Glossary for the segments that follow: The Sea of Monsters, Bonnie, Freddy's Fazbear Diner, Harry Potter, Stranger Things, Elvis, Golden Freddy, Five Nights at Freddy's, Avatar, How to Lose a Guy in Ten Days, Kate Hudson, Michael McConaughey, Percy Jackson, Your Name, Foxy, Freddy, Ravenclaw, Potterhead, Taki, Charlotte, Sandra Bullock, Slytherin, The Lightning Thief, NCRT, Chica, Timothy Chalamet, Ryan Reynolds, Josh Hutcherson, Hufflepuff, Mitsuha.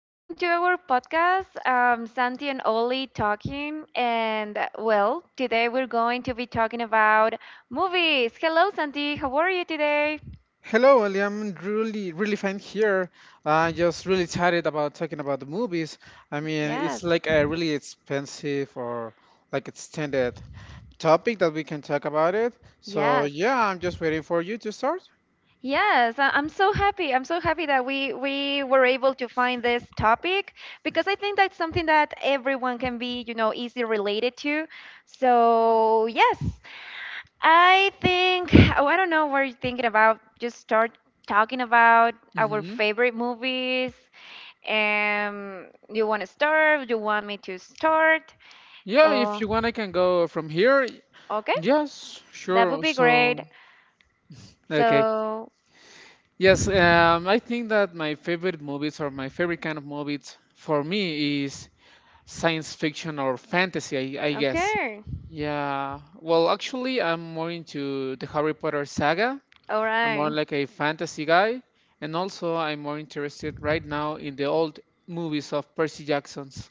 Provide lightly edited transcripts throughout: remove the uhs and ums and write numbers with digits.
Welcome to our podcast. Santi and Oli talking, and well, today we're going to be talking about movies. Hello, Santi. How are you today? Hello, Ellie. I'm really, really fine here. I'm just really tired about talking about the movies. I mean, Yes, it's like a really expensive or like extended topic that we can talk about it. So yes. yeah, I'm just waiting for you to start. Yes, I'm so happy. I'm so happy that we were able to find this topic because I think that's something that everyone can be, you know, easily related to. So, yes. I think oh, I don't know what you're thinking about. Just start talking about our hmm favorite movies. You want to start? You want me to start? Yeah, if Oh, you want, I can go from here. okay. Yes, That would sure. be great. So, okay. So, Yes, I think that my favorite movies or my favorite kind of movies for me is science fiction or fantasy, I guess. okay. Yeah. Well, actually, I'm more into the Harry Potter saga. All I'm more right. like a fantasy guy, and also I'm more interested right now in the old movies of Percy Jackson's.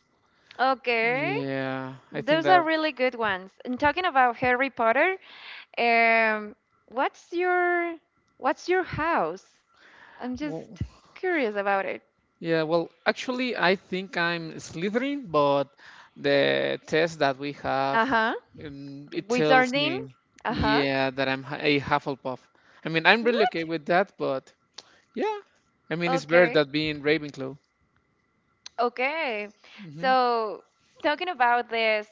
Okay. Yeah, I think Those are that. really good ones. And talking about Harry Potter, um, what's your what's your house? I'm Well, just curious about it. yeah, well, actually, I think I'm Slytherin, but the test that we have, Uh-huh. It tells Wizarding? me, Uh-huh. yeah, that a Hufflepuff. I mean, I'm really What? okay with that, but yeah, I mean it's better Okay. than being Ravenclaw. Okay. hmm So, talking about this,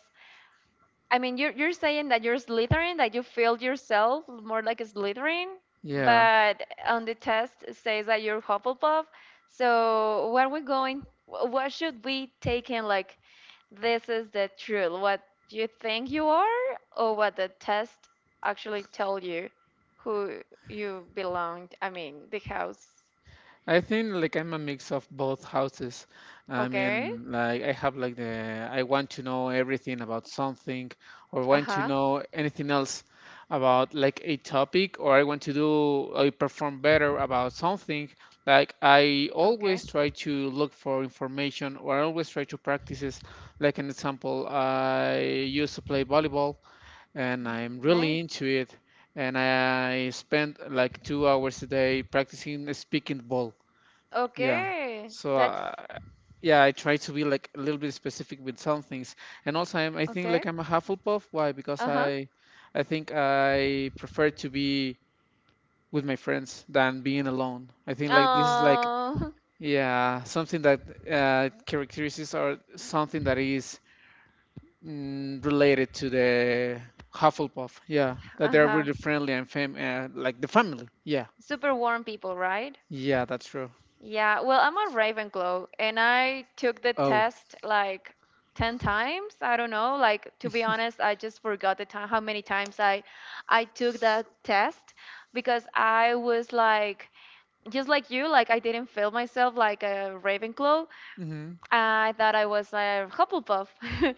I mean, you're saying that you're Slytherin, that you feel yourself more like a Slytherin, Yeah, but on the test it says that you're Hufflepuff. So what are we going? What should we take in? Like this is the truth. What you think you are, or what the test actually tell you, who you belong. I mean, the house. I think like I'm a mix of both houses. I Okay. mean, like I have like the I want to know everything about something, or Uh want to huh. know anything else about like a topic, or I want to do I perform better about something. Like I Okay. always try to look for information, or I always try to practice. Like an example, I used to play volleyball and I'm really Nice. into it. And I spend like 2 hours a day practicing speaking ball. Yeah. Okay. So That's yeah, I try to be like a little bit specific with some things. And also, I think okay. like I'm a Hufflepuff. Why? Because Uh huh. I think I prefer to be with my friends than being alone. I think like this is like Oh. yeah something that characteristics are something that is related to the Hufflepuff. Yeah, that they're Uh-huh. really friendly and fam like the family. Yeah, Super warm people, right? yeah, that's true. Yeah. Well, I'm a Ravenclaw and I took the Oh, test like 10 times. I don't know. Like to be honest, I just forgot the time how many times I took that test because I was like just like you, like I didn't feel myself like a Ravenclaw. mm-hmm. I thought I was a Hufflepuff.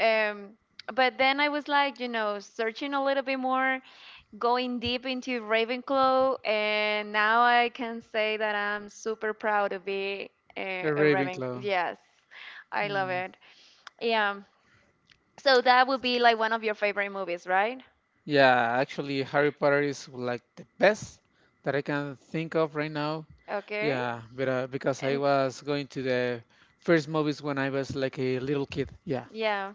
um, but then I was like, you know, searching a little bit more, going deep into Ravenclaw, and now I can say that I'm super proud to be A a Raven. Ravenclaw. Yes, I love Mm. it. Yeah. So that would be like one of your favorite movies, right? Yeah, actually, Harry Potter is like the best that I can think of right now. Okay. Yeah, but because I And was going to the first movies when I was like a little kid. Yeah, yeah.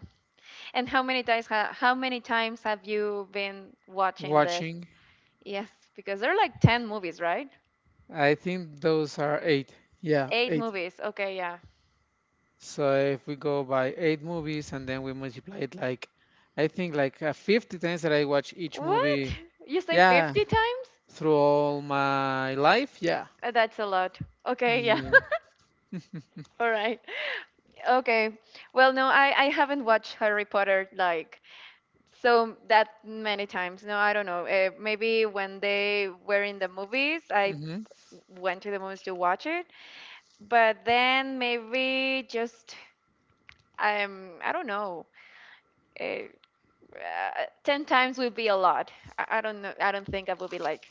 And how many times have you been watching this? watching. Yes, because there are like 10 movies, right? I think those are eight. Yeah, Eight eight. movies. Okay, yeah. So if we go by eight movies and then we multiply it like, I think like 50 times that I watch each What? movie, You say yeah, 50 times? through all my life, yeah, That's a lot. Okay, yeah. yeah, All right. Okay. Well, no, I haven't watched Harry Potter like so that many times. No, I don't know. Maybe when they were in the movies, I hmm went to the movies to watch it. But then maybe just I don't know. Uh, 10 times would be a lot. I don't know. I don't think I would be like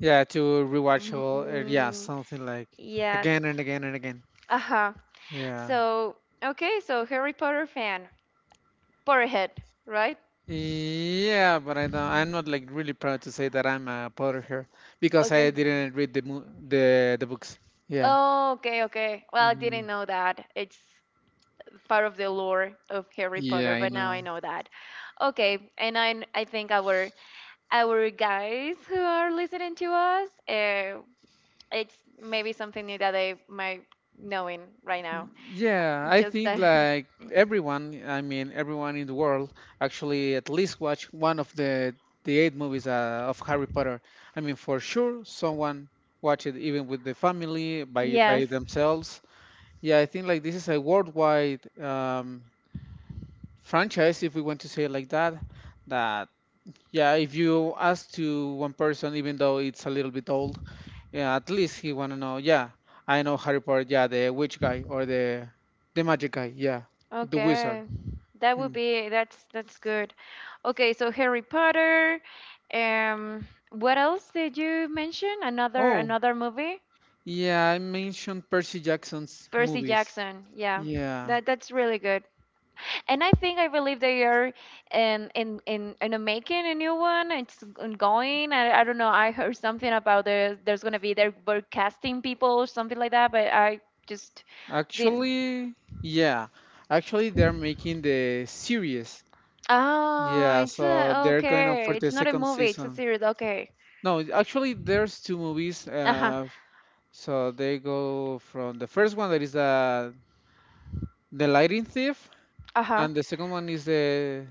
yeah, to mm, rewatchable, yeah, mm, something like yes. again and again and again, Uh-huh. yeah. So, okay, so Harry Potter fan. Potterhead, right? Yeah, but I'm not like really proud to say that I'm a Potterhead because I Okay. didn't read the books. Yeah. Oh, okay, okay. Well, I didn't hmm know that. It's part of the lore of Harry Yeah, Potter, I but now know. I know that. Okay, and I think our guys who are listening to us, it's maybe something new that they might knowing right now. Yeah, I Just think that. like everyone, I mean everyone in the world actually at least watch one of the eight movies of Harry Potter. I mean for sure someone watch it even with the family by Yes. themselves. Yeah, I think like this is a worldwide franchise if we want to say it like that. That yeah, if you ask to one person even though it's a little bit old, yeah, at least he wanna know. Yeah, I know Harry Potter. Yeah, the witch guy or the magic guy. Yeah, the wizard. Okay. That would Mm. be that's good. Okay, so Harry Potter. What else did you mention? Oh, Another movie? yeah, I mentioned Percy Jackson's Percy movies. Jackson. Yeah. Yeah, That's really good. And I think I believe they are in a making a new one. It's ongoing. I don't know. I heard something about there. There's gonna be they're were casting people or something like that. But I just did. Yeah, actually they're making the series. Oh, Yeah, it's so a, they're going up for okay. the It's not a second movie, it's a season. series. Okay. No, actually, there's two movies. Uh-huh. So they go from the first one that is the Lightning Thief, Uh-huh. and the second one is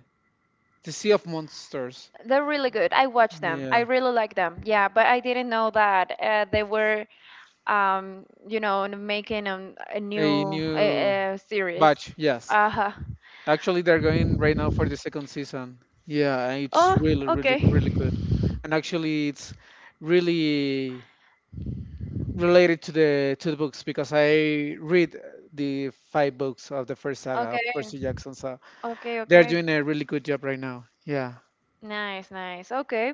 The Sea of Monsters. They're really good. I watch them. I Yeah, really like them. Yeah, but I didn't know that they were you know, making a a new new series. batch. Yes, Uh-huh. actually, they're going right now for the second season. Yeah, and it's Oh, really, really, okay. really good. And actually, it's really related to the books because I read the five books of the first saga of Okay. Percy Jackson. So Okay, they're okay. doing a really good job right now. Yeah, Nice, nice. Okay.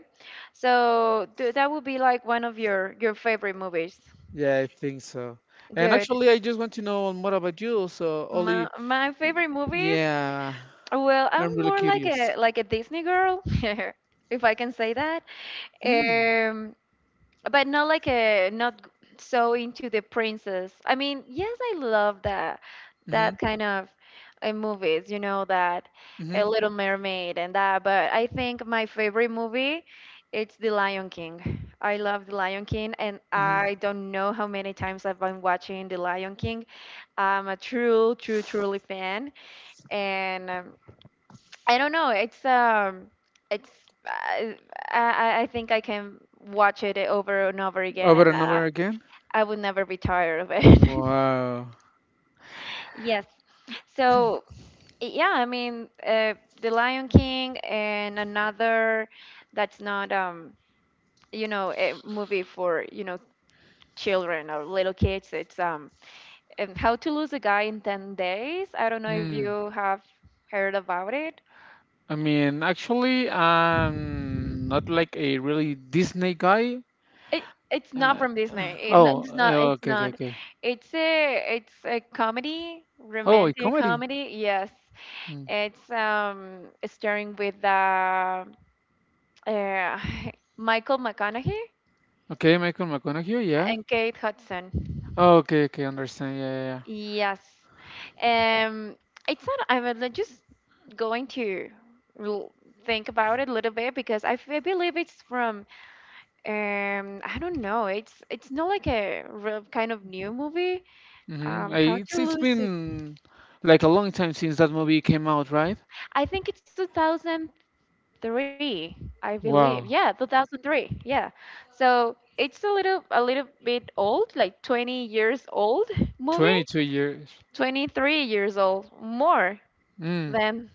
So that would be like one of your favorite movies. yeah, I think so. And Good. actually, I just want to know more about you. So, My Ollie, my favorite movies? yeah, Well, I'm I'm really more curious. like a Disney girl, if I can say that. Hmm. Um, but not like a not so into the princess. I mean, yes, I love that Mhm, that kind of movies, you know, that a mhm, Little Mermaid and that. But I think my favorite movie, it's The Lion King. I love The Lion King, and mhm. I don't know how many times I've been watching The Lion King. I'm a true, true, truly fan and. I don't know. It's I I think I can watch it over and over again, Over and and over again? I would never be tired of it. Wow. Yes. So yeah, I mean, The Lion King and another that's not you know, a movie for you know children or little kids. It's and How to Lose a Guy in 10 Days. I don't know if Mm. you have heard about it. I mean, actually, I'm not like a really Disney guy. It it's not Uh, from Disney. Oh, It's not. It's okay, okay, not. okay. It's a comedy, Oh, a romantic comedy. comedy. Yes, Mm. it's starring with uh Michael McConaughey Okay, Michael McConaughey, yeah. and Kate Hudson. Oh, okay, okay, understand. Yeah, yeah, Yes, um, it's not. I'm like, just going to l- think about it a little bit because I believe it's from I don't know. It's not like a real kind of new movie. yeah. Mm-hmm. How to it's lose it? been like a long time since that movie came out, right? I think it's 2003, I believe. Yeah, Wow, 2003. Yeah. So it's a little bit old, like 20 years old movie. 22 years. 23 years old, more Mm. than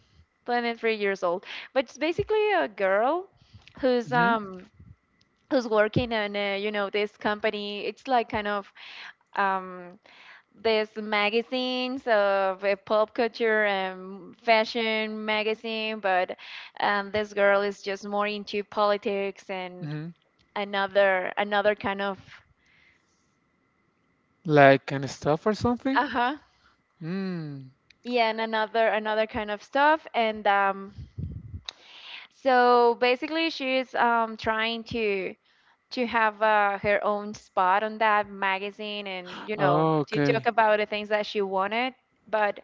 23 years old. But it's basically a girl who's Mm-hmm, um who's working in a, you know this company. It's like kind of um these magazines of pop culture and fashion magazine, but this girl is just more into politics and mm-hmm. Another kind of Like kind of stuff or something? uh huh Mm. yeah and another kind of stuff and so basically she's trying to have her own spot on that magazine and you know Oh, to okay. talk about the things that she wanted but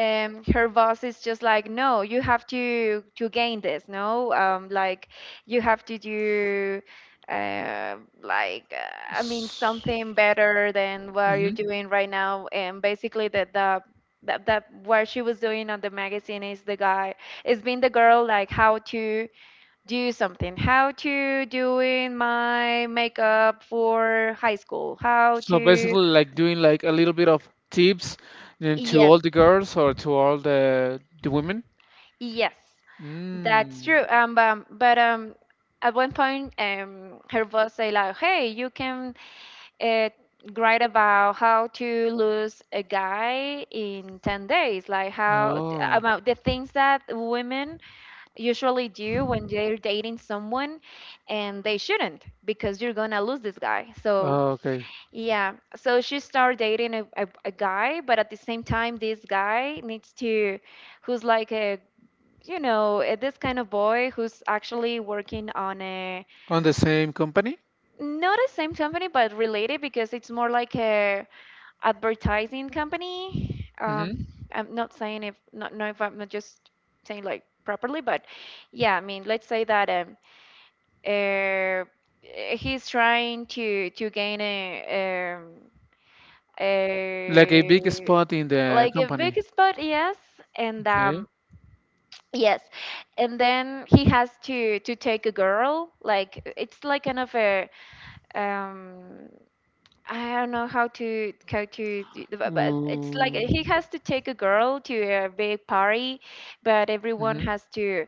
her boss is just like, no, you have to gain this, no, like you have to do, uh, like I mean S- something better than what you're mhm. doing right now, and basically that the that what she was doing on the magazine is the guy is being the girl like how to do something how to doing my makeup for high school how So to basically, like doing like a little bit of tips then to yes all the girls or to all the women. Yes, that's Mm. true. But at one point, her boss say like, "Hey, you can uh, write about how to lose a guy in 10 days, like how Oh, about the things that women usually do when they're dating someone, and they shouldn't because you're gonna lose this guy." So oh, okay. yeah, so she started dating a guy, but at the same time, this guy needs to who's like a you know, this kind of boy who's actually working on a On the same company? not the same company but related because it's more like a advertising company. Mm-hmm. I'm not saying if not know if I'm not just saying like properly, but yeah, I mean, let's say that uh, he's trying to gain a um, Like a big a spot in the like a company. big spot, yes, and Okay. Yes. And then he has to take a girl. Like it's like kind of a um I don't know but it's like Mm-hmm. he has to take a girl to a big party, but everyone has to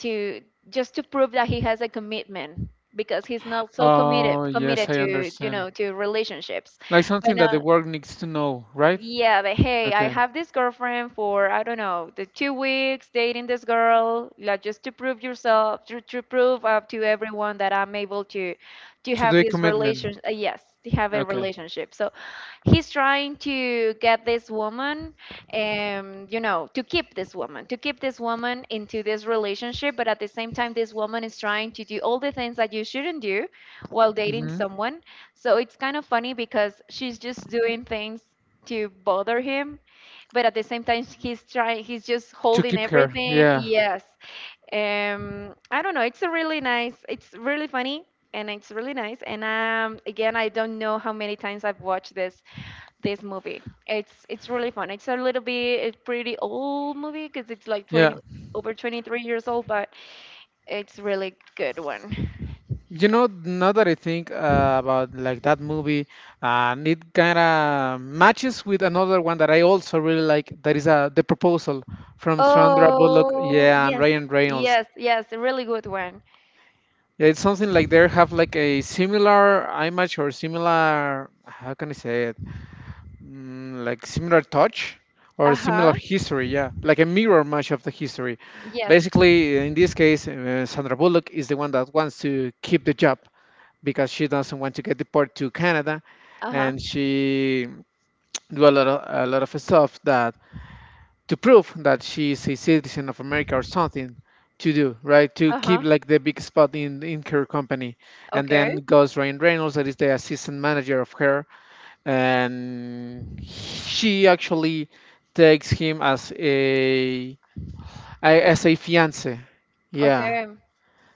to just to prove that he has a commitment because he's not so committed Oh, yes, committed I to you understand. know to relationships. Like But something that the no world needs to know, right? yeah, but hey, I Okay. have this girlfriend for I don't know the 2 weeks dating this girl, like just to prove yourself, to prove up to everyone that I'm able to To have do a this commitment. relation. Yes, to have a Okay. relationship. So he's trying to get this woman you know to keep this woman into this relationship but at the same time this woman is trying to do all the things that you shouldn't do while dating hmm someone so it's kind of funny because she's just doing things to bother him but at the same time he's just To holding keep her. everything Yeah. yes I don't know it's a really nice it's really funny and it's really nice and again I don't know how many times I've watched this movie. It's really fun. It's a little bit a pretty old movie because it's like Yeah. 20 over 23 years old, but it's really good one. You know, now that I think about like that movie, and it kind of matches with another one that I also really like. That is The Proposal from Sandra Bullock. Oh, Yeah, and yes. Ryan Reynolds. Yes, yes, a really good one. Yeah, it's something like they have like a similar image or similar, how can I say it? Mm, like similar touch or similar Uh-huh. history, yeah, like a mirror match of the history. Yes. Basically, in this case, Sandra Bullock is the one that wants to keep the job because she doesn't want to get deported to Canada, Uh-huh. and she do a lot of stuff that to prove that she is a citizen of America or something to do, right? To keep Uh-huh. like the big spot in her company, and then Okay. goes Ryan Reynolds, that is the assistant manager of her, and she actually takes him as a as a fiance. Yeah. Okay.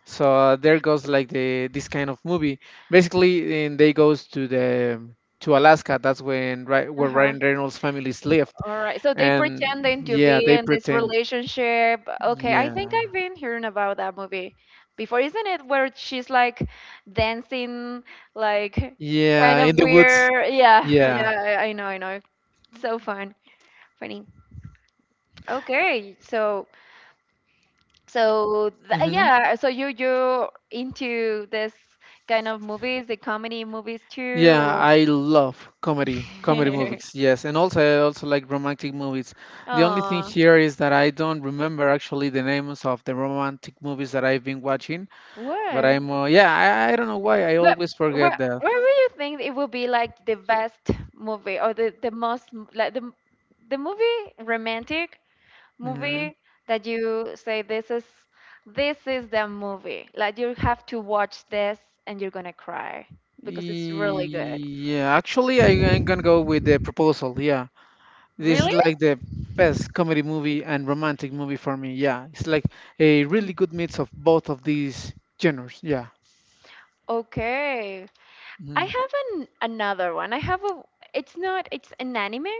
So there goes like the this kind of movie. Basically, and they goes to the to Alaska. That's when right where Uh-huh. Ryan Reynolds' families lived, All right. So they and pretending to yeah, be they in this pretend. relationship. Okay, I Yeah. think I've been hearing about that movie before, isn't it? Where she's like dancing, like Yeah, kind of in the woods. weird. Yeah, Yeah. yeah. I know, I know. So fun, funny. Okay, so so Mm-hmm. yeah, so you into this kind of movies, the comedy movies too? Yeah, Or- I love comedy movies. Yes, and also I also like romantic movies. The only thing Aw, here is that I don't remember actually the names of the romantic movies that I've been watching. But what? I'm yeah, I don't know why I But always where forget that. where do you think it will be like the best movie, or the most m- like the m- the movie, romantic hmm movie that you say, this is the movie, like you have to watch this, and you're gonna cry because it's really good. Yeah, I'm gonna go with the proposal. Yeah, this Really? is like the best comedy movie and romantic movie for me. Yeah, it's like a Mm, really good mix of both of these genres. Yeah, okay. I mhm. have an another one. I have a It's not, it's an anime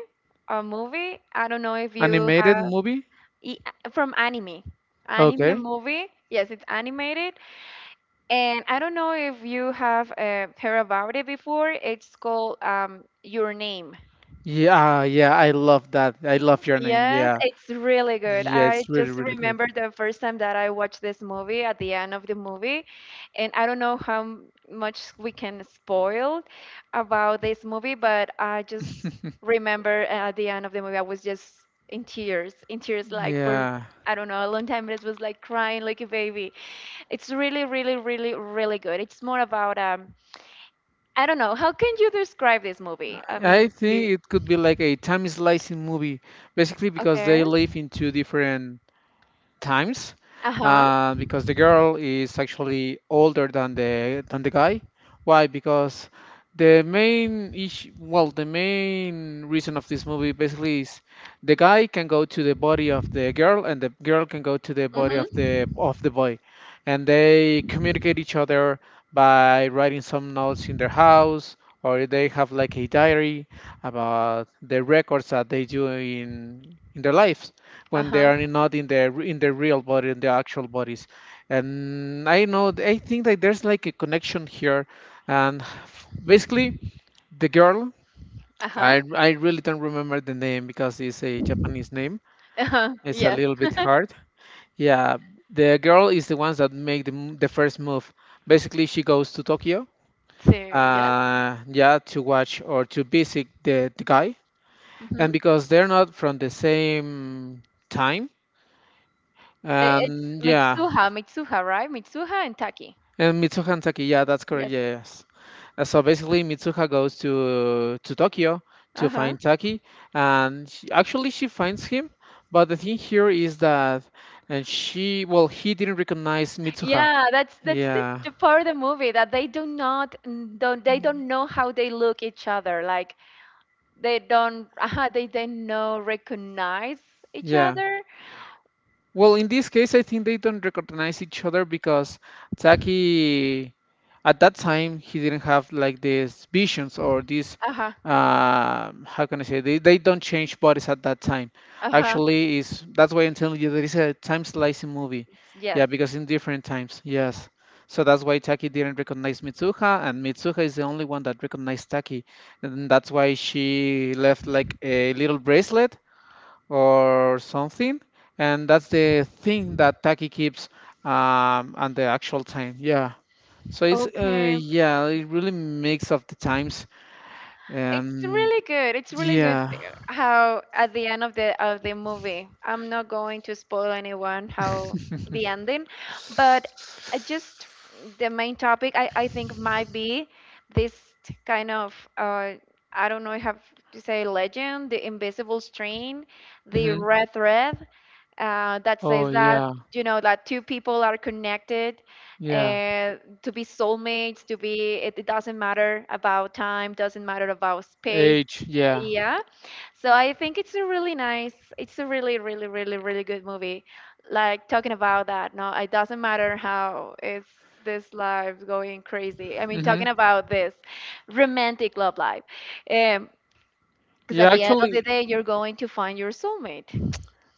or movie. I don't know if you Animated have, movie. From anime. Anime Okay. movie. Yes, it's animated. And I don't know if you have heard about it before. It's called Your Name. Yeah, yeah, I love that. I love your name. Yes, Yeah. it's really good. Yeah, I it's really, just really good. remember the first time that I watched this movie, at the end of the movie. And I don't know how much we can spoil about this movie, but I just remember, at the end of the movie, I was just in tears, like, for, Yeah. I don't know, a long time. It was like crying like a baby. It's really, really, really, really good. It's more about, I don't know, how can you describe this movie? I I mean, do think you, it could be like a time slicing movie, basically because they okay, live in two different times uh huh, because the girl is actually older than the guy. Why? Because the main issue, well, the main reason of this movie basically is the guy can go to the body of the girl and the girl can go to the body of hmm, the boy, and they communicate each other by writing some notes in their house or they have like a diary about the records that they do in their life uh when they huh. are not in their real body in the actual bodies and I know I think that there's like a connection here and basically the girl Uh-huh. i really don't remember the name because it's a japanese name Uh-huh. it's a Yes. little bit hard yeah the girl is the ones that make the, the first move basically she goes to tokyo So, yes, yeah to watch or to visit the guy and hmm, because they're not from the same time it's and yeah Mitsuha, Mitsuha, right? Mitsuha and Taki. And Mitsuha and Taki, yeah, that's correct. Yes. Yes. So basically, Mitsuha goes to Tokyo to Uh-huh. find Taki, actually she finds him. But the thing here is that, and she, well, he didn't recognize Mitsuha. Yeah, that's the, Yeah, the part of the movie that they do not don't they don't know how they look each other. Like, they don't, they don't know, recognize each yeah. other. Well, in this case, I think they don't recognize each other because Taki, at that time, he didn't have like these visions or these, Uh-huh. How can I say, they don't change bodies at that time. Uh-huh. Actually, is that's why I'm telling you there is a time slicing movie. Yes. Yeah, because in different times, yes. So that's why Taki didn't recognize Mitsuha, and Mitsuha is the only one that recognized Taki, and that's why she left like a little bracelet or something. And that's the thing that Taki keeps and the actual time. Yeah. So it's Okay. yeah, it really makes up the times. It's Um, really good. It's really good yeah. how at the end of the movie, I'm not going to spoil anyone how the ending, but I just the main topic, I think might be this kind of, I don't know, I have to say, legend, the invisible string, the Mm-hmm. red thread, that Oh says that, yeah, you know, that two people are connected, yeah. uh, to be soulmates, to be, it doesn't matter about time, doesn't matter about space. Age, yeah. Yeah, so I think it's a really nice, it's a really, really, really, really good movie, like, talking about that, no, it doesn't matter how it's this life going crazy. I mean, Mm-hmm. talking about this romantic love life, um because Yeah, at the end of the actually, day you're going to find your soulmate.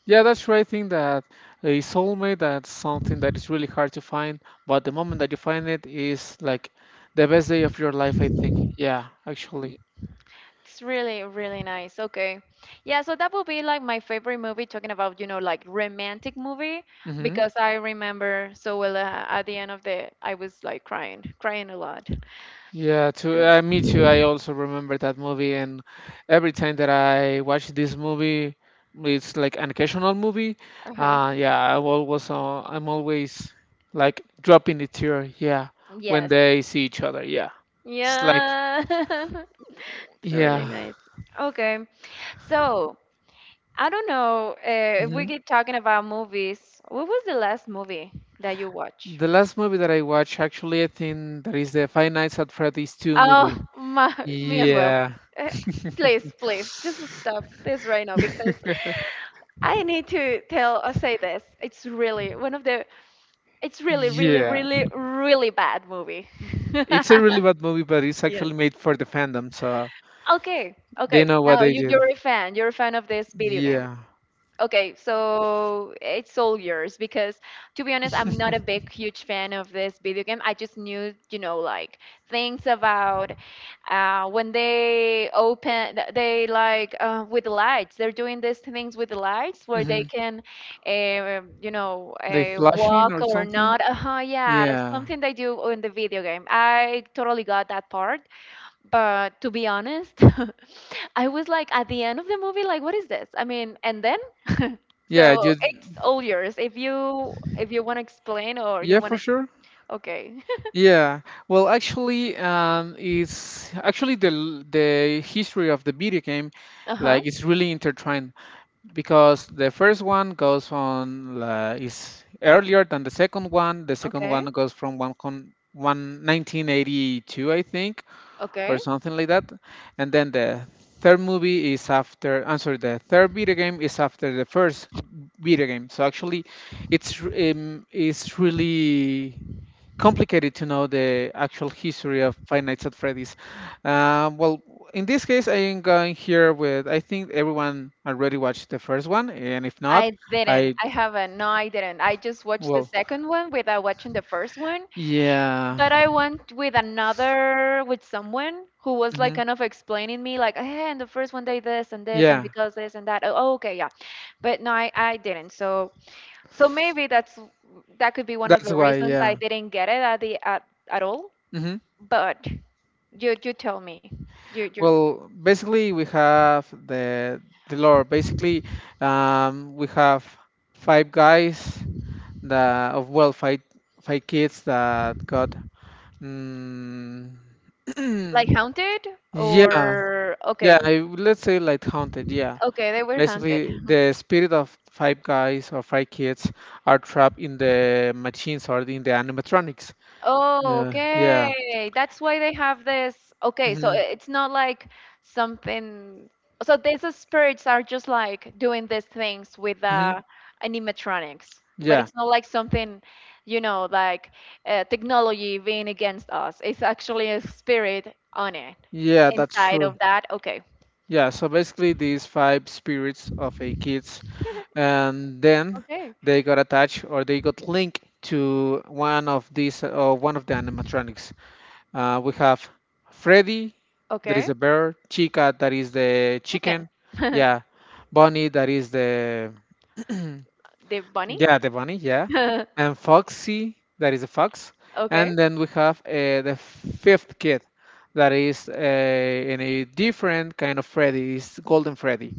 yeah, that's right. I think that a soulmate that's something that is really hard to find, but the moment that you find it is like the best day of your life, I think. Yeah, actually. It's really, really nice. Okay. Yeah, so that would be like my favorite movie, talking about, like, romantic movie, Mm-hmm. because I remember so well, at the end, of the I was like crying, crying a lot. Yeah, to So, me too. I also remember that movie, and every time that I watch this movie, it's like an occasional movie. uh-huh, Yeah, I'm always like dropping the tear. Yeah, when yes. they see each other. Yeah, it's like Yeah. It's really yeah. nice. Okay. So, I don't know, if we Mhm. keep talking about movies. What was the last movie that you watched? The last movie that I watched, actually, I think that is the Five Nights at Freddy's 2 Oh, movie. my, me as well. Yeah, Uh, Please, please, just stop this right now, because I need to tell or say this. It's really one of the. It's really, really, yeah. really, really bad movie. It's a really bad movie, but it's Yeah. actually made for the fandom, so Okay. they Okay. know what Now they you, did. you're a fan. You're a fan of this video game. Yeah. Okay, so it's all yours, because to be honest, I'm not a big, huge fan of this video game. I just knew, like, things about, when they open, they like, with the lights, they're doing these things with the lights where they Mm-hmm. can, They flashing walk or or something? not. Uh huh, yeah, Yeah. something they do in the video game. I totally got that part. But to be honest, I was like at the end of the movie, like, what is this? I mean, and then, Yeah, so you it's all yours. If you want to explain, or you yeah, want for to, sure. okay. Yeah. Well, actually, it's actually the the history of the video game, Uh-huh. like it's really intertwined because the first one goes on is earlier than the second one. The second Okay. one goes from one con one 1982, I think, or Okay. something like that. And then the third movie is after, I'm sorry, the third video game is after the first video game. So actually, it's it's really complicated to know the actual history of Five Nights at Freddy's. Well, in this case, I am going here with I think everyone already watched the first one, and if not, I didn't. I I haven't. No, I didn't. I just watched the well, second one without watching the first one. yeah, But I went with another, with someone who was like hmm kind of explaining me, like, hey, and the first one they this and this and yeah, because this and that. Oh, okay, yeah. But no, I didn't. So, so maybe that could be one of that's the why, reasons I yeah. didn't get it at all. Mm-hmm. But you tell me. You Well, basically, we have the lore. Basically, we have five guys that, of well, five kids that got. Mm. like haunted, Yeah, or yeah. okay. Let's say like haunted. Yeah. Okay, they were haunted. Basically, the spirit of five guys or five kids are trapped in the machines or in the animatronics. Oh, Yeah, yeah, okay. That's why they have this. Okay, so hmm it's not like something. So these spirits are just like doing these things with, hmm animatronics, but yeah, it's not like something, like, technology being against us. It's actually a spirit on it. yeah. That's Inside true. of that, okay. Yeah, so basically these five spirits of a kids, and then Okay, they got attached or they got linked to one of these or one of the animatronics. We have Freddy, that is okay, a bear, Chica, that is the chicken. chicken, yeah, Bonnie, that is the, The bunny? yeah, the bunny, yeah, and Foxy, that is a fox, Okay. and then we have the fifth kid, that is in a different kind of Freddy, is Golden Freddy.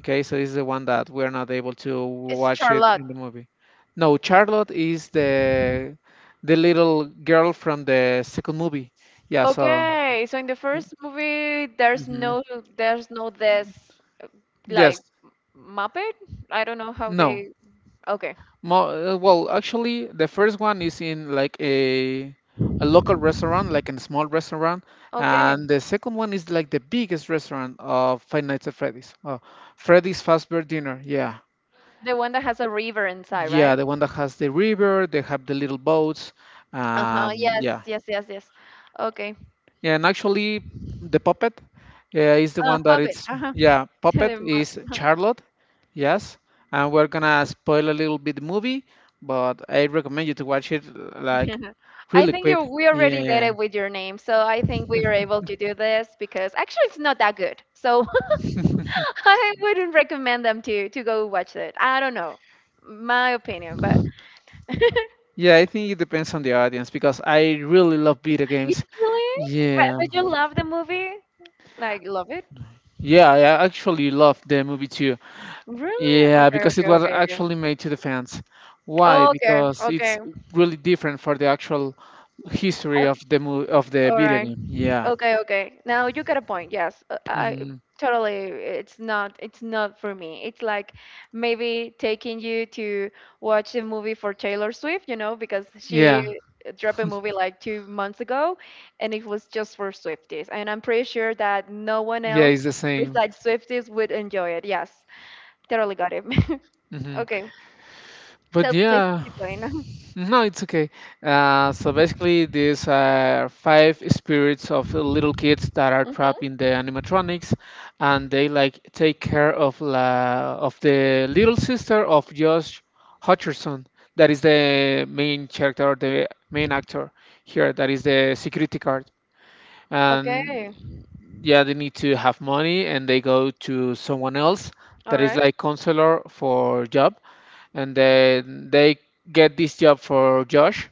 Okay, so this is the one that we're not able to It's watch it Charlotte. in the movie. No, Charlotte is the little girl from the second movie. Yeah, so Okay, so in the first movie, there's hmm no there's no this, uh, like, yes, Muppet? I don't know how no. they. Okay, Mo well, actually, the first one is in like a local restaurant, like a small restaurant, okay, and the second one is like the biggest restaurant of Five Nights at Freddy's. Oh, Freddy's Fazbear Dinner. Yeah. the one that has a river inside, right? Yeah, the one that has the river, they have the little boats. Uh huh. Yes, Yeah, yes, yes, yes. Okay. and actually, the puppet is the Uh, one that puppet. it's, Uh huh. yeah, puppet The is Mupp- Charlotte. Yes, and we're gonna spoil a little bit the movie, but I recommend you to watch it like I really think, quick. you we already did Yeah, it with Your Name, so I think we are able to do this, because actually it's not that good. So, I wouldn't recommend them to go watch it. I don't know, my opinion, but yeah, I think it depends on the audience because I really love video You games. really, but, Yeah, but you love the movie, like love it. yeah, I actually love the movie too. Really? Yeah, Okay, because it okay, was okay, okay, actually made to the fans. Why? okay, Because it's okay. really different for the actual history Uh, of the mo of the all video right. game. Yeah. Okay, okay. Now you get a point. Yes, I Hmm. totally. It's not. It's not for me. It's like maybe taking you to watch a movie for Taylor Swift. You know, because she Yeah. dropped a movie like 2 months ago, and it was just for Swifties. And I'm pretty sure that no one Yeah, else it's the same. besides Swifties would enjoy it. Yes, totally got it. Hmm. Okay, But so please yeah. keep going. No, it's okay. So basically, these are five spirits of the little kids that are trapped in Hmm. the animatronics, and they like take care of la of the little sister of Josh Hutcherson. That is the main character, the main actor here. That is the security guard. And Okay. yeah, they need to have money, and they go to someone else All that is right. like counselor for job, and then they get this job for Josh.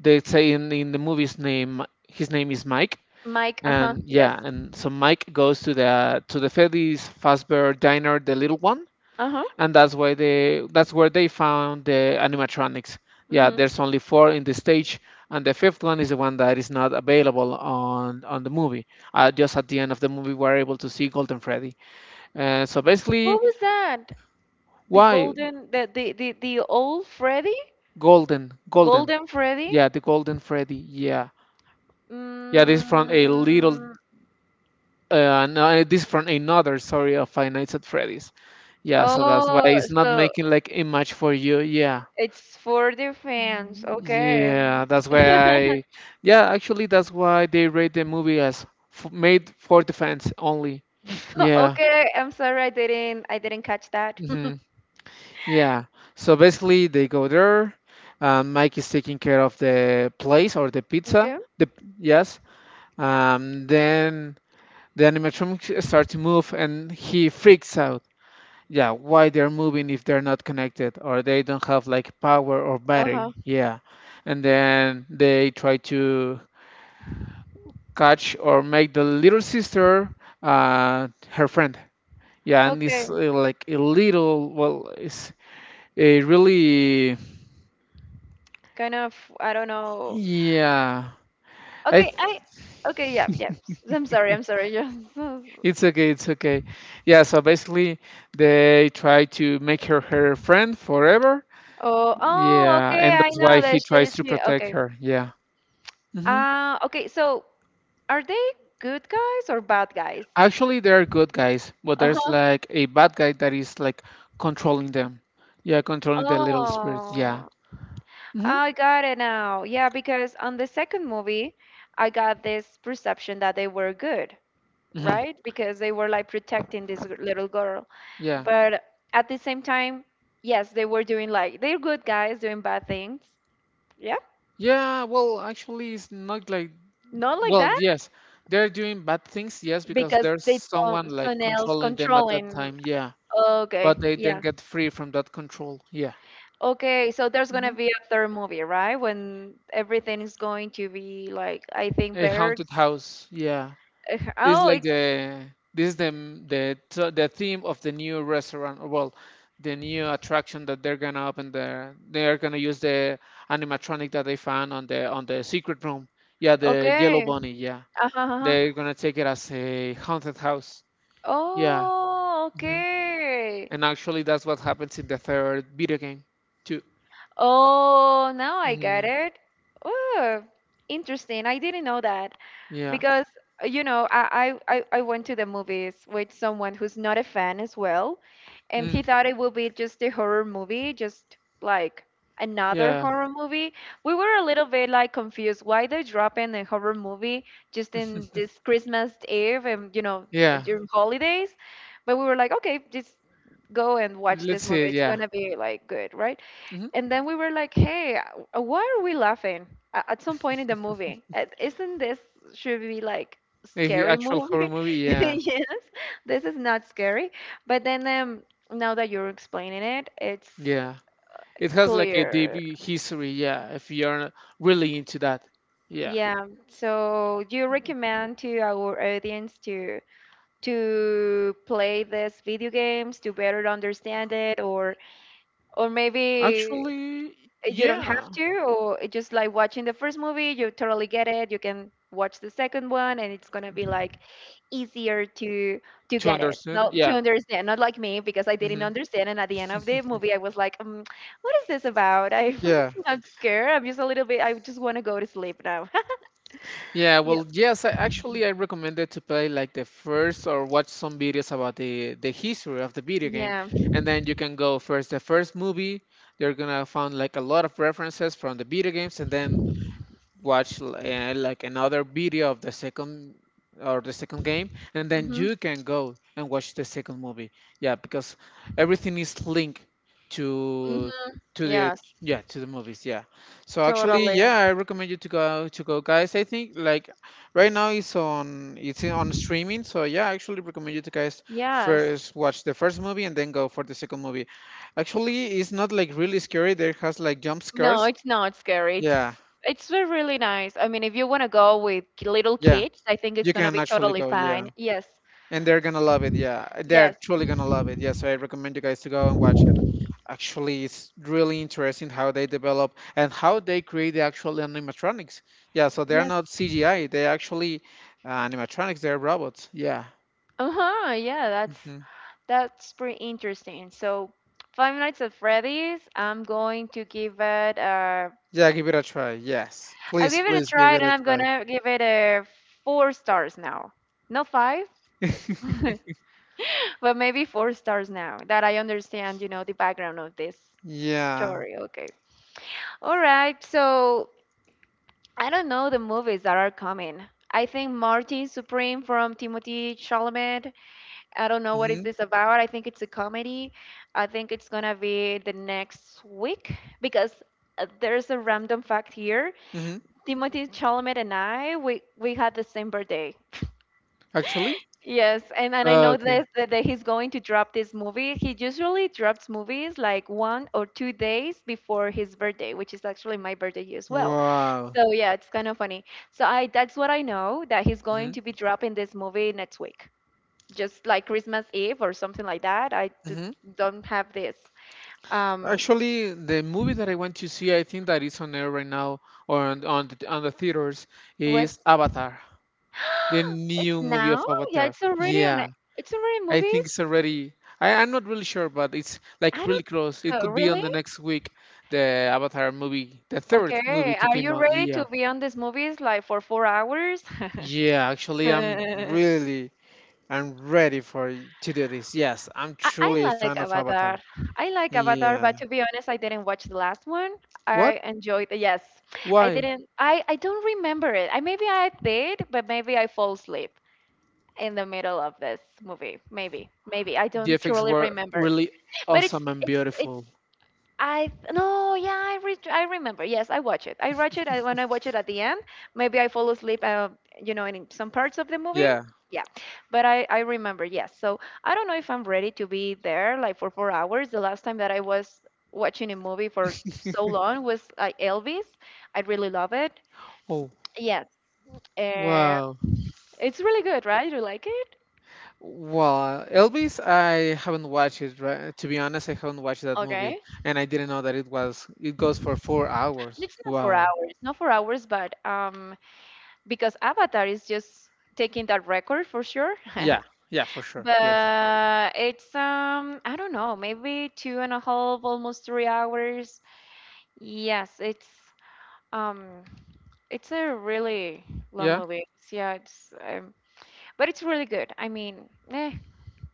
They say in the movie's name, his name is Mike, Mike. Uh huh. and Yes. yeah, and so Mike goes to the Freddy's Fazbear Diner, the little one, Uh huh. and that's why they that's where they found the animatronics. Yeah, Mm-hmm. there's only four in the stage, and the fifth one is the one that is not available on the movie. Just at the end of the movie, we're able to see Golden Freddy. So basically, What was that? The why golden, the old Freddy, Golden? Golden. Golden Freddy. Yeah, the Golden Freddy. Yeah, yeah. This from a little, Mm, no, this from another. Sorry, of Five Nights at Freddy's. Yeah, so that's why oh, it's not so making like a match for you. Yeah, it's for the fans. Okay. yeah. That's why I. Yeah, actually, that's why they rate the movie as f made for the fans only. Yeah. Okay, I'm sorry, I didn't catch that. Hmm. Yeah. So basically, they go there. Mike is taking care of the place or the pizza. Okay. The Yes. Then. The animatronics start to move and he freaks out. Yeah, why they're moving if they're not connected or they don't have like power or Uh-huh. battery. Yeah. And then they try to catch or make the little sister her friend. Yeah, and Okay. it's like a little, well it's a really, Kind of, I don't know. yeah. I. Okay, I okay, yeah, yeah. I'm sorry, I'm sorry. Just. It's okay, it's okay. Yeah, so basically they try to make her friend forever. Oh, oh, Yeah, okay, and I that's why know he that she, tries to she protect okay. her. Yeah. Hmm. Okay, so, are they good guys or bad guys? Actually, there are good guys, but there's Uh-huh. like a bad guy that is like controlling them. Yeah, controlling the little spirits. Yeah. Oh, Hmm. I got it now. Yeah, because on the second movie, I got this perception that they were good, Hmm. right? Because they were like protecting this little girl. Yeah. But at the same time, yes, they were doing, like, they're good guys doing bad things. Yeah, Yeah, well, actually, it's not like, not like well, that. yes, they're doing bad things, yes, because Because there's they someone don't, like someone else controlling them at that controlling. time. Yeah. Okay, But they then yeah. get free from that control. Yeah. Okay, so there's gonna Hmm. be a third movie, right? When everything is going to be like, I think, A better. haunted house. Yeah. Eh, this is oh, like it's the this is the theme of the new restaurant, or well, the new attraction that they're gonna open. There they're gonna use the animatronic that they found on the secret room. Yeah, the yellow okay. bunny, yeah, Uh-huh, uh-huh. they're gonna take it as a haunted house. Yeah. Oh, Hmm. okay. And actually, that's what happens in the third video game too. Oh, now I get Hmm. it. Oh, interesting. I didn't know that. Yeah. Because, you know, I went to the movies with someone who's not a fan as well, and he Mm, thought it would be just a horror movie, just like another yeah, horror movie. We were a little bit like confused why they're dropping a horror movie just in this Christmas Eve and, yeah, during holidays. But we were like, okay, just go and watch let's this see. movie, it's Yeah. gonna be like good, right? Hmm. And then we were like, "Hey, why are we laughing at some point in the movie? Isn't this should be like A scary actual horror movie?" movie, yeah, Yes, this is not scary. But then, now that you're explaining it, it's yeah. It has like a deep clear. history, yeah, if you're really into that. Yeah. Yeah. So, do you recommend to our audience to play this video games to better understand it, or, maybe Actually, you don't have yeah. to? Or it just like watching the first movie, you totally get it, you can watch the second one, and it's gonna be like easier to To get it, understand, not to yeah. understand, not like me, because I didn't Hmm. understand. And at the end of the movie I was like, what is this about? I, Yeah. I'm scared, I'm just a little bit, I just want to go to sleep now. Yeah, Yeah, well, yes, I actually I recommended to play like the first or watch some videos about the history of the video game, yeah, and then you can go first the first movie. They're gonna find like a lot of references from the video games, and then watch like another video of the second or the second game, and then hmm, you can go and watch the second movie. Yeah, because everything is linked hmm, to to the, yes, yeah, to the movies, yeah. So actually, totally, yeah, I recommend you to go, guys. I think like right now it's on, it's on streaming, so yeah, I actually recommend you to, guys, yes. first watch the first movie and then go for the second movie. Actually, it's not like really scary, there has like jump No, scares. it's not scary. Yeah. It's really nice. I mean, if you want to go with little Yeah. kids, I think You it's gonna can be actually totally go, yeah. fine. Yes, And they're gonna love it, yeah. They're yes, truly gonna love it, yeah. So I recommend you guys to go and watch it. Actually, it's really interesting how they develop and how they create the actual animatronics. Yeah, so they're yes. not CGI, they actually, animatronics, they're robots. Yeah. Uh huh. Yeah, that's Hmm. that's pretty interesting. So, Five Nights at Freddy's. I'm going to give it a. Yeah, give it a try. Yes. I'll Please, give it a please give try, it and a I'm try. gonna give it a four stars now. Not five, but maybe four stars now that I understand. You know the background of this Yeah. story. Okay. All right. So, I don't know the movies that are coming. I think Martin Supreme from Timothy Chalamet. I don't know what is Hmm. this about. I think it's a comedy. I think it's gonna be the next week, because there's a random fact here. Hmm. Timothy Chalamet and I, we had the same birthday. Actually? Yes, and I know Okay. this, that he's going to drop this movie. He usually drops movies like 1 or 2 days before his birthday, which is actually my birthday here as well. Wow. So yeah, it's kind of funny. So I that's what I know, that he's going Mm-hmm. to be dropping this movie next week, just like Christmas Eve or something like that. Hmm. Don't have this. Um, Actually, the movie that I want to see, I think that is on air right now, or on on the theaters, is what's... Avatar, the it's new movie of now? Yeah, Avatar. it's already on. Yeah, It's already I think movies. it's already. I'm not really sure, but it's like I really don't think close. It so. could be on Really? the next week, the Avatar movie, the third movie Okay, to are came you out. ready Yeah, to be on these movies like for 4 hours? yeah. Actually, I'm I, really, I'm ready for to do this. Yes, I'm I truly a like fan of Avatar. Avatar. I like Avatar, Yeah. but to be honest, I didn't watch the last one. What? I enjoyed it. Yes, I Why? didn't. I don't remember it. I maybe I did, but maybe I fall asleep in the middle of this movie. Maybe I The don't effects truly were remember. really But it's awesome and it's it's beautiful. No, yeah, I remember. Yes, I watch it. I watch it. I, when I watch it at the end, maybe I fall asleep. You know, in some parts of the movie. Yeah. Yeah, but I remember. Yes, so I don't know if I'm ready to be there like for 4 hours. The last time that I was watching a movie for so long was like Elvis. I really love it. Oh, Yes, uh, wow. it's really good, right? You like it? Well, Elvis, I haven't watched it, right? To be honest, I haven't watched that movie, Okay. and I didn't know that it was it goes for 4 hours. It's not four Wow. hours, not 4 hours, but because Avatar is just taking that record for sure. Yeah, yeah, for sure. Yes. But it's I don't know, maybe two and a half, almost 3 hours. Yes, um it's a really long Yeah. movie. Yeah, it's but it's really good. I mean,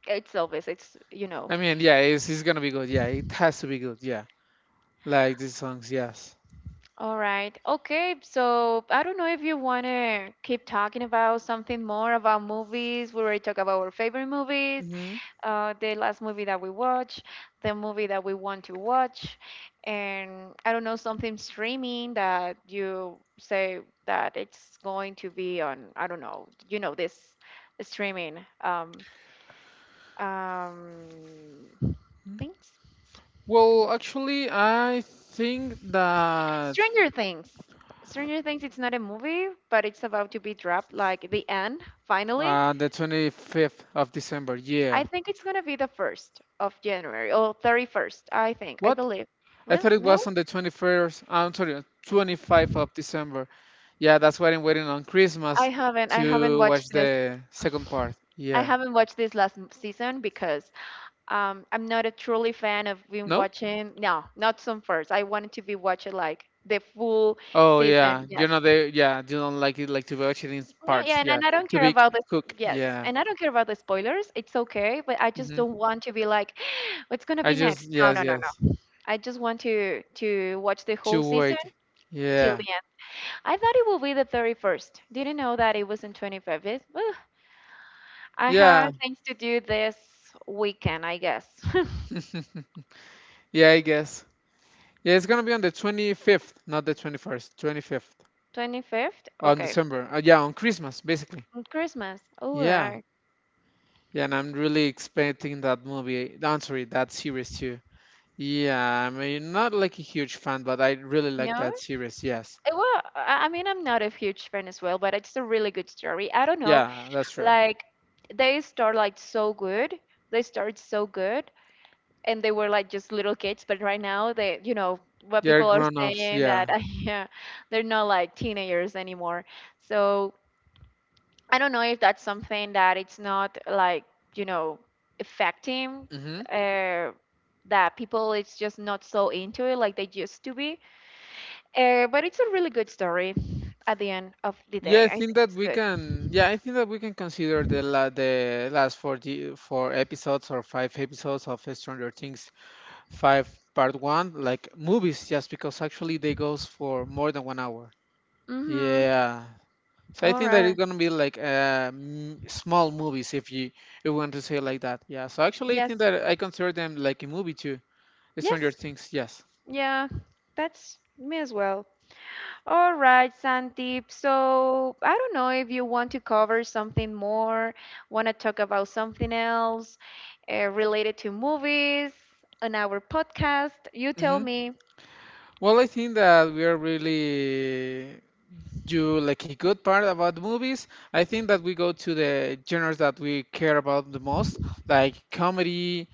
it's obvious it's. I mean, yeah, it's gonna be good. Yeah, it has to be good. Yeah, like these songs. Yes. All right. Okay, so I don't know if you wanna keep talking about something more about movies. We already talked about our favorite movies. Hmm. The last movie that we watch, the movie that we want to watch, and I don't know something streaming that you say that it's going to be on. I don't know. You know this streaming um, things. Well, actually, I think that Stranger Things. Stranger Things. It's not a movie, but it's about to be dropped. Like the end, finally. The 25th of December. Yeah. I think it's gonna be the 1st of January or 31st. I think. I What? believe. I Really? thought it was No, on the 21st, I'm sorry, 25th of December. Yeah, that's why I'm waiting on I Christmas haven't. I haven't to watched watch this. the second part. I Yeah. haven't watched this season because I'm not a truly fan of been No? watching. No, not some first. I wanted to be watching like the full Oh, yeah. season. You're Yes. not there. Yeah, you don't like it, like to watch it in No, yeah, parts. and, Yeah. and I don't To care be about the. cook. Yes, Yeah. and I don't care about the spoilers. It's okay, but I just Hmm. don't want to be like, what's gonna I be next? just, No, yes, no, no, yes. no. I just want to watch the whole To season wait. till Yeah. the end. I thought it would be the 31st. Didn't know that it was on 25th. Ugh. I have Yeah. things to do this weekend, I guess. Yeah, I guess. Yeah, it's gonna be on the 25th, not the 21st, 25th 25th? on Okay. December. Yeah, on Christmas, basically. Mm, Christmas. All Yeah. right. Yeah, and I'm really expecting that movie. I'm sorry, that series too. Yeah, I mean, not like a huge fan, but I really like No? that series. Yes. Well, I mean, I'm not a huge fan as well, but it's a really good story. I don't know. Yeah, that's true. Like, they start like so good. They start so good, and they were like just little kids, but right now they, you know, what They're people are grown-ups. saying that, Yeah. yeah, they're not like teenagers anymore, so I don't know if that's something that it's not like, you know, affecting Mm-hmm. uh, that people, it's just not so into it like they used to be. But it's a really good story. At the end of the Yeah, I day, I think think that it's we good. can. Yeah, I think that we can consider the la the last four the four episodes or five episodes of Stranger Things five part one like movies, just because actually they goes for more than 1 hour. Mm-hmm. Yeah. So I All think that right. it's gonna be like small movies if you want to say it like that. Yeah. So actually, I Yes. think that I consider them like a movie too. Stranger Yes. Things, yes. Yeah, that's me as well. All right, Sandeep. So I don't know if you want to cover something more, want to talk about something else related to movies on our podcast. You tell Hmm. me. Well, I think that we are really do like a good part about the movies. I think that we go to the genres that we care about the most, like comedy,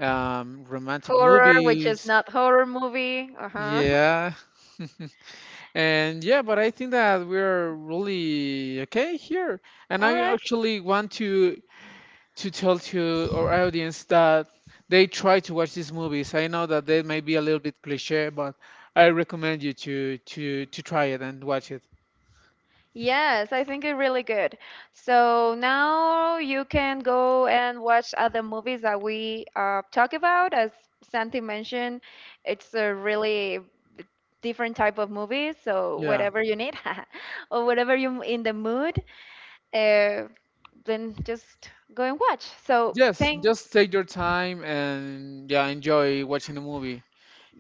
romantic Horror, which is movies. not horror movie. Uh huh. Yeah. And yeah, but I think that we're really okay here. And All I right. actually want to tell to our audience that they try to watch these movies. I know that they may be a little bit cliche, but I recommend you to try it and watch it. Yes, I think it's really good. So now you can go and watch other movies that we talk about. As Santi mentioned, it's a really d- different type of movie. So Yeah. whatever you need, or whatever you in the mood, uh, then just go and watch. So Yes, thank just take your time and yeah, enjoy watching the movie.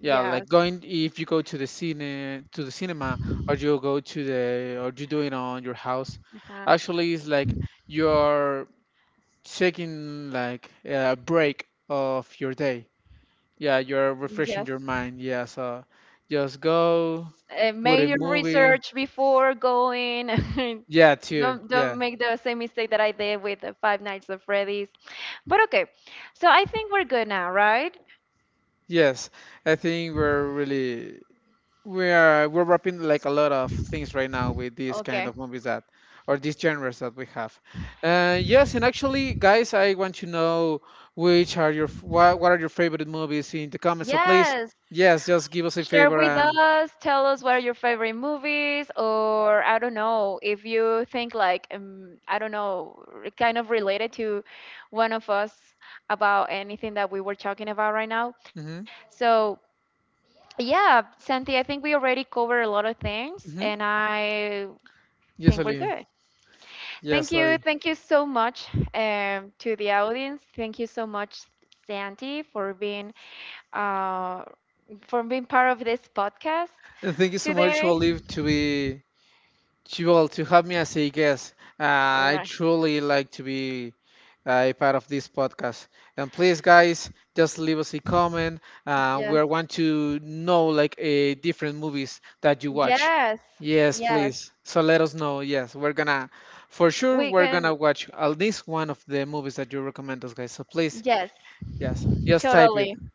Yeah, yes, like going if you go to the cinema, or you go to the, or you do it on your house. uh-huh. Actually, it's like your taking like a break of your day. Yeah, you're refreshing Yes. your mind. Yeah, so just go put Make a your movie. research before going. Yeah, too. Don't Yeah. don't make the same mistake that I did with the Five Nights at Freddy's. But okay, so I think we're good now, right? Yes. I think we're really we're wrapping like a lot of things right now with these kind Okay. of movies that, or these genres that we have. Yes, and actually, guys, I want to know which are your what, are your favorite movies in the comments. So please, Yes. yes, just give us a Share favor with and. us. Tell us what are your favorite movies, or I don't know if you think like I don't know, kind of related to one of us about anything that we were talking about right now. So yeah, Santi, I think we already covered a lot of things, Hmm. and I Yes, think we're Ali. good. Thank Yes, you. Ali. Thank you so much to the audience. Thank you so much, Santi, uh, for being part of this podcast And thank you so much, today. Olive, to be to, well, to have me as a guest. All I right. truly like to be a part of this podcast. And please, guys, just leave us a comment. Yes. We want to know like a different movies that you watch. Yes. Yes, Yes. please. So let us know. Yes, we're gonna, for sure We we're gonna can. watch at least one of the movies that you recommend us, guys. So please, Yes. yes, just type it. Totally. Mm.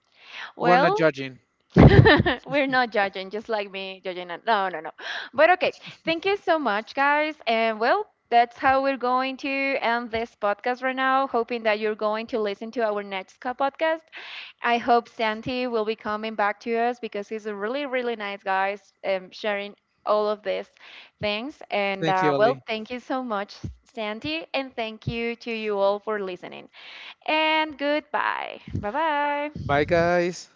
We're not Well, judging. We're not judging, just like me judging. No, no, no. But okay, thank you so much, guys. And well, that's how we're going to end this podcast right now. Hoping that you're going to listen to our next podcast. I hope Santi will be coming back to us because he's a really, really nice guy, sharing all of these things. And Thank you, well, Ali. thank you so much, Santi, and thank you to you all for listening. And goodbye. Bye bye. Bye, guys.